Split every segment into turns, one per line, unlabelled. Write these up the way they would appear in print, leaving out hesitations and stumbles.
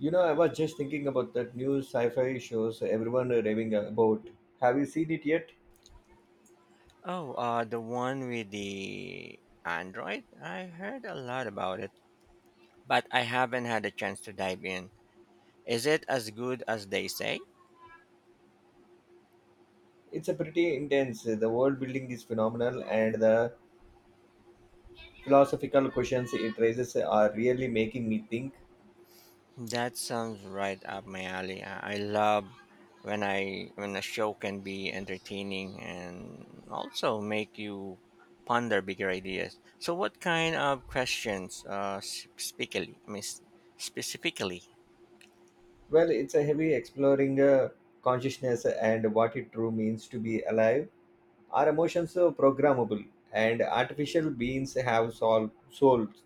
You know, I was just thinking about that new sci fi shows everyone are raving about. Have you seen it yet?
Oh, the one with the Android? I heard a lot about it, but I haven't had a chance to dive in. Is it as good as they say?
It's a pretty intense. The world building is phenomenal, and the philosophical questions it raises are really making me think.
That sounds right up my alley. I love when a show can be entertaining and also make you ponder bigger ideas. So, what kind of questions, specifically? Specifically.
Well, it's a heavy exploring consciousness and what it true means to be alive. Our emotions are programmable, and artificial beings have soul, souls.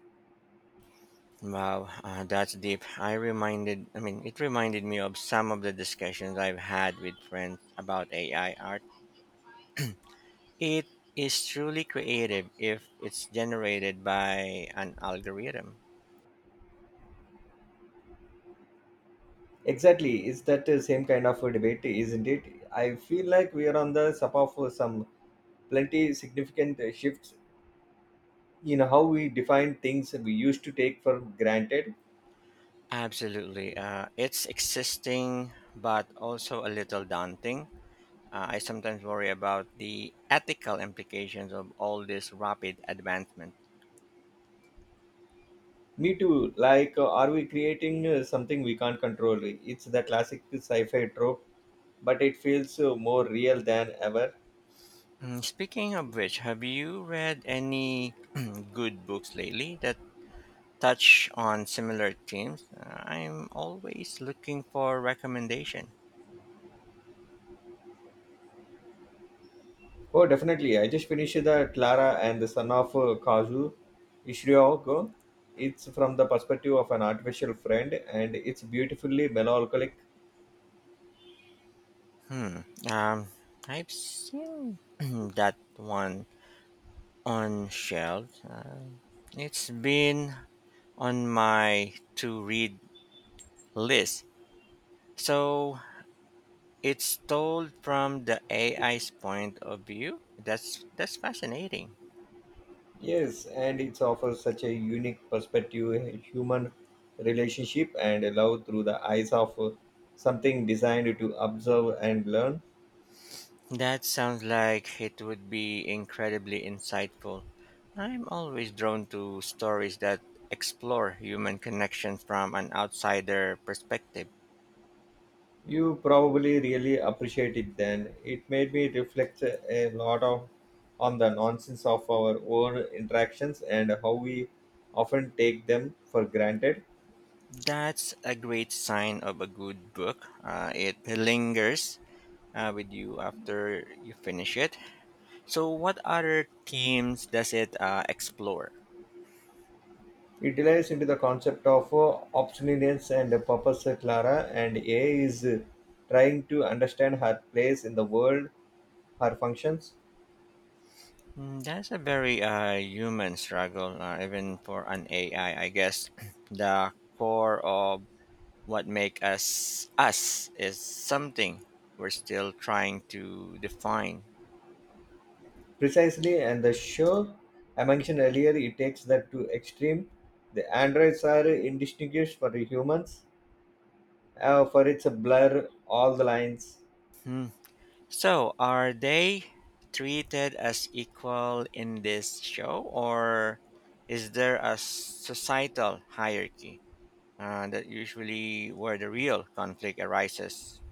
Wow, that's deep. I reminded, I mean, it reminded me of some of the discussions I've had with friends about AI art. It is truly creative if it's generated by an algorithm.
Exactly, it's that same kind of a debate, isn't it? I feel like we are on the sub of some plenty significant shifts in how we define things we used to take for granted.
Absolutely. It's existing, but also a little daunting. I sometimes worry about the ethical implications of all this rapid advancement.
Me too. Like, are we creating something we can't control? It's the classic sci-fi trope, but it feels more real than ever.
Mm, speaking of which, have you read any good books lately that touch on similar themes? I'm always looking for recommendation.
Oh, definitely. I just finished the Clara and the son of Kazu Ishiroko. It's from the perspective of an artificial friend, and it's beautifully melancholic.
Hmm. Um, I've seen that one on shelves. It's been on my to-read list. So it's told from the AI's point of view. That's fascinating.
Yes, and it offers such a unique perspective, a human relationship and love through the eyes of something designed to observe and learn.
That sounds like it would be incredibly insightful. I'm always drawn to stories that explore human connection from an outsider perspective.
You probably really appreciate it then. It made me reflect a lot of on the nonsense of our own interactions and how we often take them for granted.
That's a great sign of a good book. It lingers with you after you finish it. So, what other themes does it explore?
It delves into the concept of obsolescence and purpose. Clara, and A is trying to understand her place in the world, her functions
Mm, that's a very human struggle, even for an AI, I guess. The core of what make us us is something we're still trying to define.
precisely, and the show I mentioned earlier, it takes that to extreme. The androids are indistinguished for the humans, for it's a blur all the lines.
Hmm. So, are they treated as equal in this show, or is there a societal hierarchy that usually where the real conflict arises?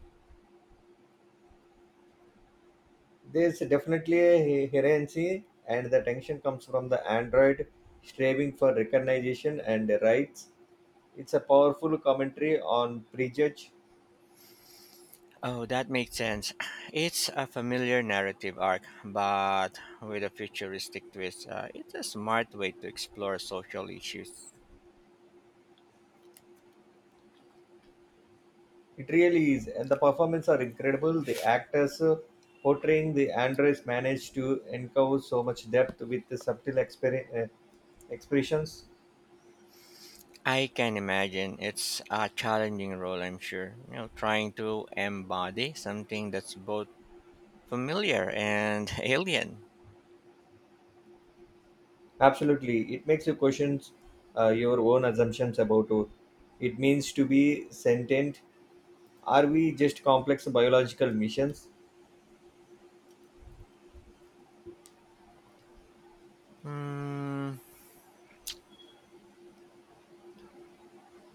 There's definitely a herency, and the tension comes from the android striving for recognition and rights. It's a powerful commentary on prejudge.
Oh, that makes sense. It's a familiar narrative arc, but with a futuristic twist. It's a smart way to explore social issues.
It really is, and the performances are incredible. The actors portraying the androids manage to uncover so much depth with the subtle expressions.
I can imagine it's a challenging role, I'm sure. You know, trying to embody something that's both familiar and alien.
Absolutely, it makes you question your own assumptions about what it means to be sentient. Are we just complex biological missions?
Mm,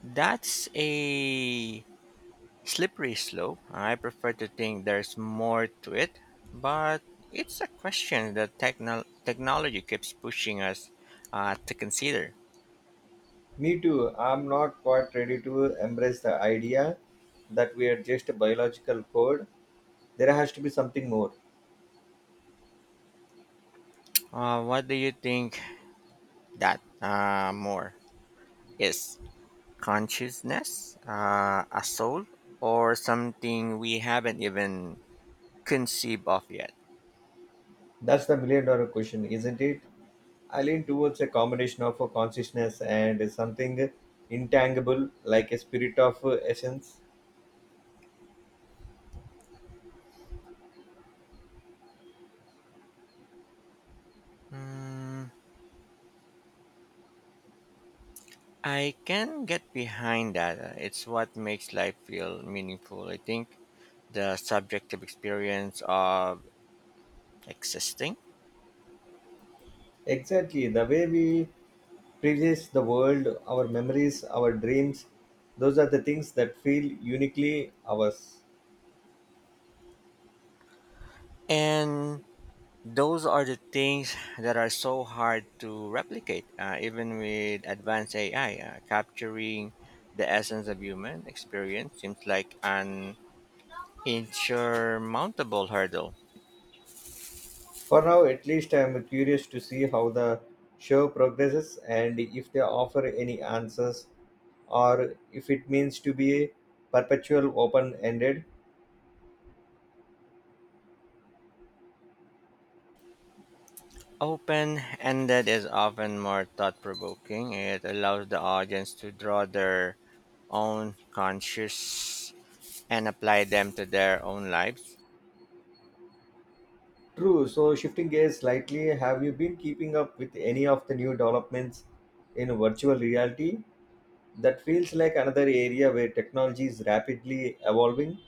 that's a slippery slope. I prefer to think there's more to it, but it's a question that technology keeps pushing us to consider.
Me too. I'm not quite ready to embrace the idea that we are just a biological code. There has to be something more.
What do you think that more is? Consciousness, a soul, or something we haven't even conceived of yet.
That's the million dollar question, isn't it? I lean towards a combination of a consciousness and something intangible like a spirit of essence.
Mm, I can get behind that. It's what makes life feel meaningful. I think the subjective experience of existing.
Exactly, the way we prejudice the world, our memories, our dreams, those are the things that feel uniquely ours.
And those are the things that are so hard to replicate, even with advanced AI. Capturing the essence of human experience seems like an insurmountable hurdle.
For now, at least, I am curious to see how the show progresses and if they offer any answers or if it means to be perpetual open ended.
Open ended is often more thought provoking. It allows the audience to draw their own conscious and apply them to their own lives.
True. So, shifting gears slightly, have you been keeping up with any of the new developments in virtual reality? That feels like another area where technology is rapidly evolving.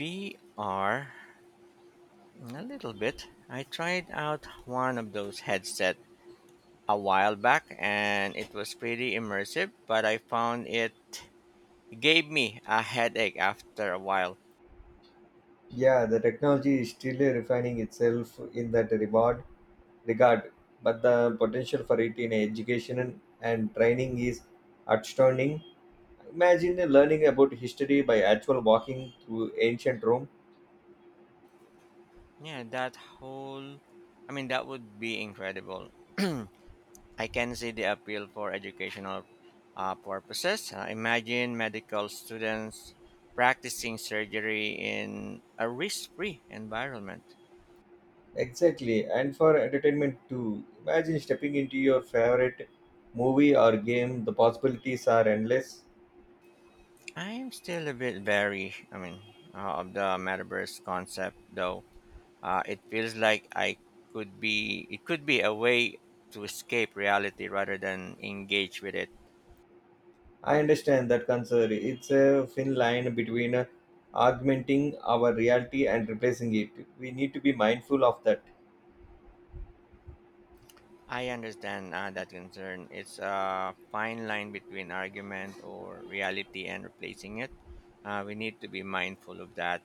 VR, a little bit. I tried out one of those headsets a while back and it was pretty immersive, but I found it gave me a headache after a while.
Yeah, the technology is still refining itself in that regard, but the potential for it in education and training is outstanding. Imagine learning about history by actual walking through ancient Rome.
Yeah, that whole. I mean, that would be incredible. I can see the appeal for educational purposes. Imagine medical students practicing surgery in a risk free environment.
Exactly, and for entertainment too. Imagine stepping into your favorite movie or game, the possibilities are endless.
I'm still a bit wary, of the metaverse concept, though. It feels like it could be a way to escape reality rather than engage with it.
I understand that concern. It's a thin line between augmenting our reality and replacing it. We need to be mindful of that.
I understand that concern. It's a fine line between argument or reality and replacing it. We need to be mindful of that.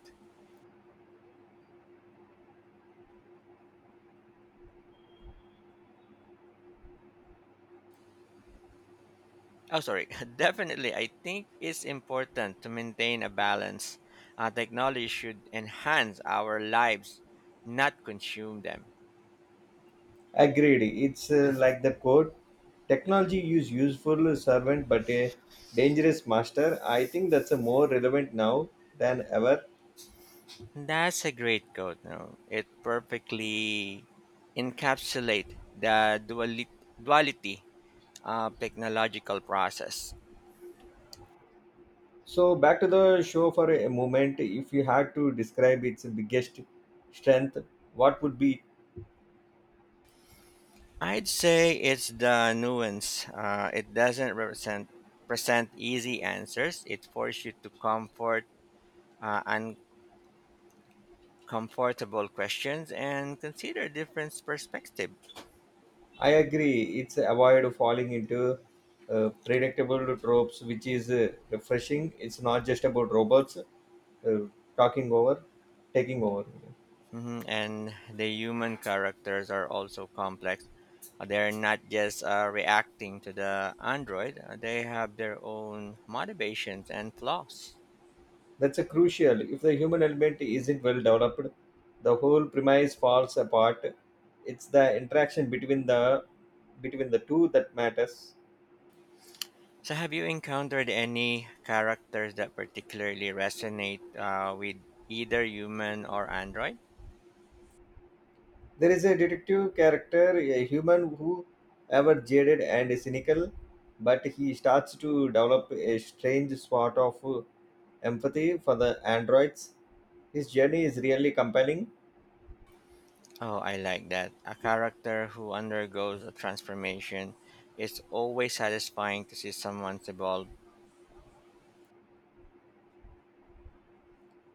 Oh, sorry. Definitely, I think it's important to maintain a balance. Technology should enhance our lives, not consume them.
Agreed, it's like the quote, technology is useful servant but a dangerous master. I think that's a more relevant now than ever.
That's a great quote. No, it perfectly encapsulate the duality of technological process.
So back to the show for a moment. If you had to describe its biggest strength, what would be?
I'd say it's the nuance. It doesn't represent present easy answers. It forces you to comfort uh, uncomfortable questions and consider different perspectives.
I agree. It's avoid falling into predictable tropes, which is refreshing. It's not just about robots uh, talking over, taking over.
Mhm, and the human characters are also complex. They're not just reacting to the android. They have their own motivations and flaws.
That's a crucial. If the human element isn't well developed, the whole premise falls apart. It's the interaction between the two that matters.
So, have you encountered any characters that particularly resonate with either human or android?
There is a detective character, a human who ever jaded and cynical, but he starts to develop a strange sort of empathy for the androids. His journey is really compelling.
Oh, I like that. A character who undergoes a transformation. It's always satisfying to see someone evolve.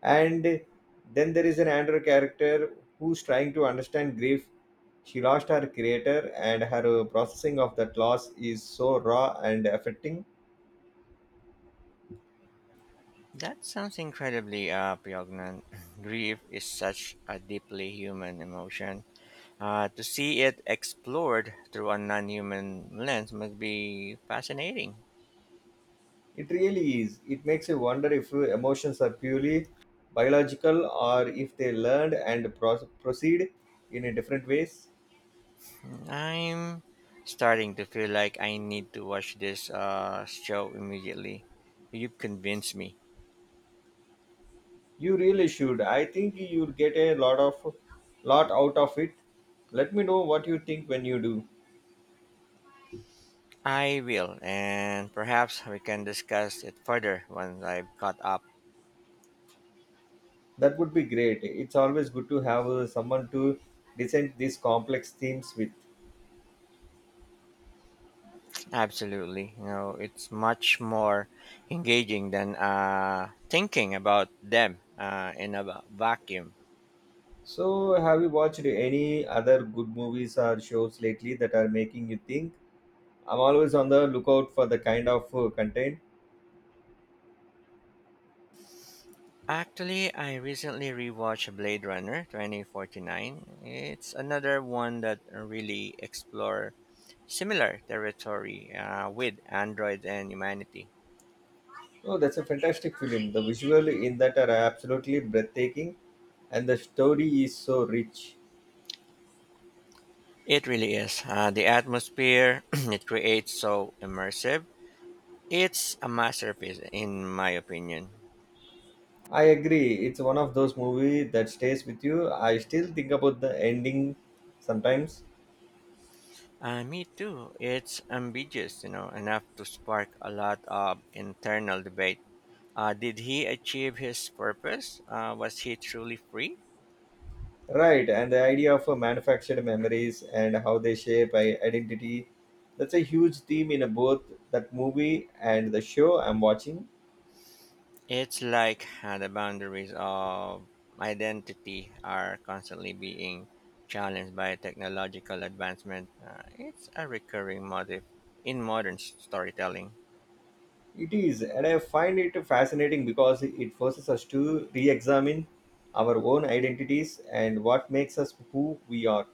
And then there is an android character who's trying to understand grief. She lost her creator, and her processing of that loss is so raw and affecting.
That sounds incredibly poignant. Grief is such a deeply human emotion. To see it explored through a non human lens must be fascinating.
It really is. It makes you wonder if your emotions are purely biological or if they learned and proceed in a different ways.
I'm starting to feel like I need to watch this show immediately. You've convinced me.
You really should. I think you'll get a lot out of it. Let me know what you think when you do.
I will, and perhaps we can discuss it further once I've caught up.
That would be great. It's always good to have someone to descend these complex themes with.
Absolutely. You know, it's much more engaging than thinking about them in a vacuum.
So, have you watched any other good movies or shows lately that are making you think? I'm always on the lookout for the kind of content.
Actually, I recently rewatched Blade Runner 2049. It's another one that really explore similar territory with Android and Humanity.
Oh, that's a fantastic film. The visual in that are absolutely breathtaking, and the story is so rich.
It really is. The atmosphere it creates so immersive. It's a masterpiece, in my opinion.
I agree. It's one of those movies that stays with you. I still think about the ending sometimes.
Me too. It's ambiguous, you know, enough to spark a lot of internal debate. Did he achieve his purpose? Was he truly free?
Right, and the idea of manufactured memories and how they shape identity. That's a huge theme in both that movie and the show I'm watching.
It's like the boundaries of identity are constantly being challenged by technological advancement. It's a recurring motif in modern storytelling.
It is, and I find it fascinating because it forces us to re examine our own identities and what makes us who we are.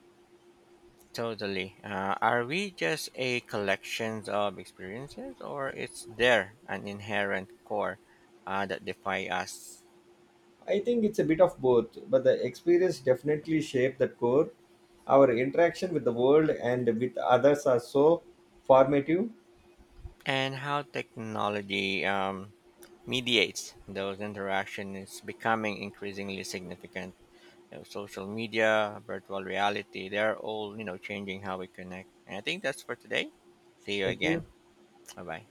Totally. Are we just a collection of experiences, or is there an inherent core that defy us?
I think it's a bit of both, but the experience definitely shaped that core. Our interaction with the world and with others are so formative.
And how technology mediates those interactions is becoming increasingly significant. You know, social media, virtual reality, they're all, you know, changing how we connect. And I think that's for today. See you
Thank you.
again. Bye bye.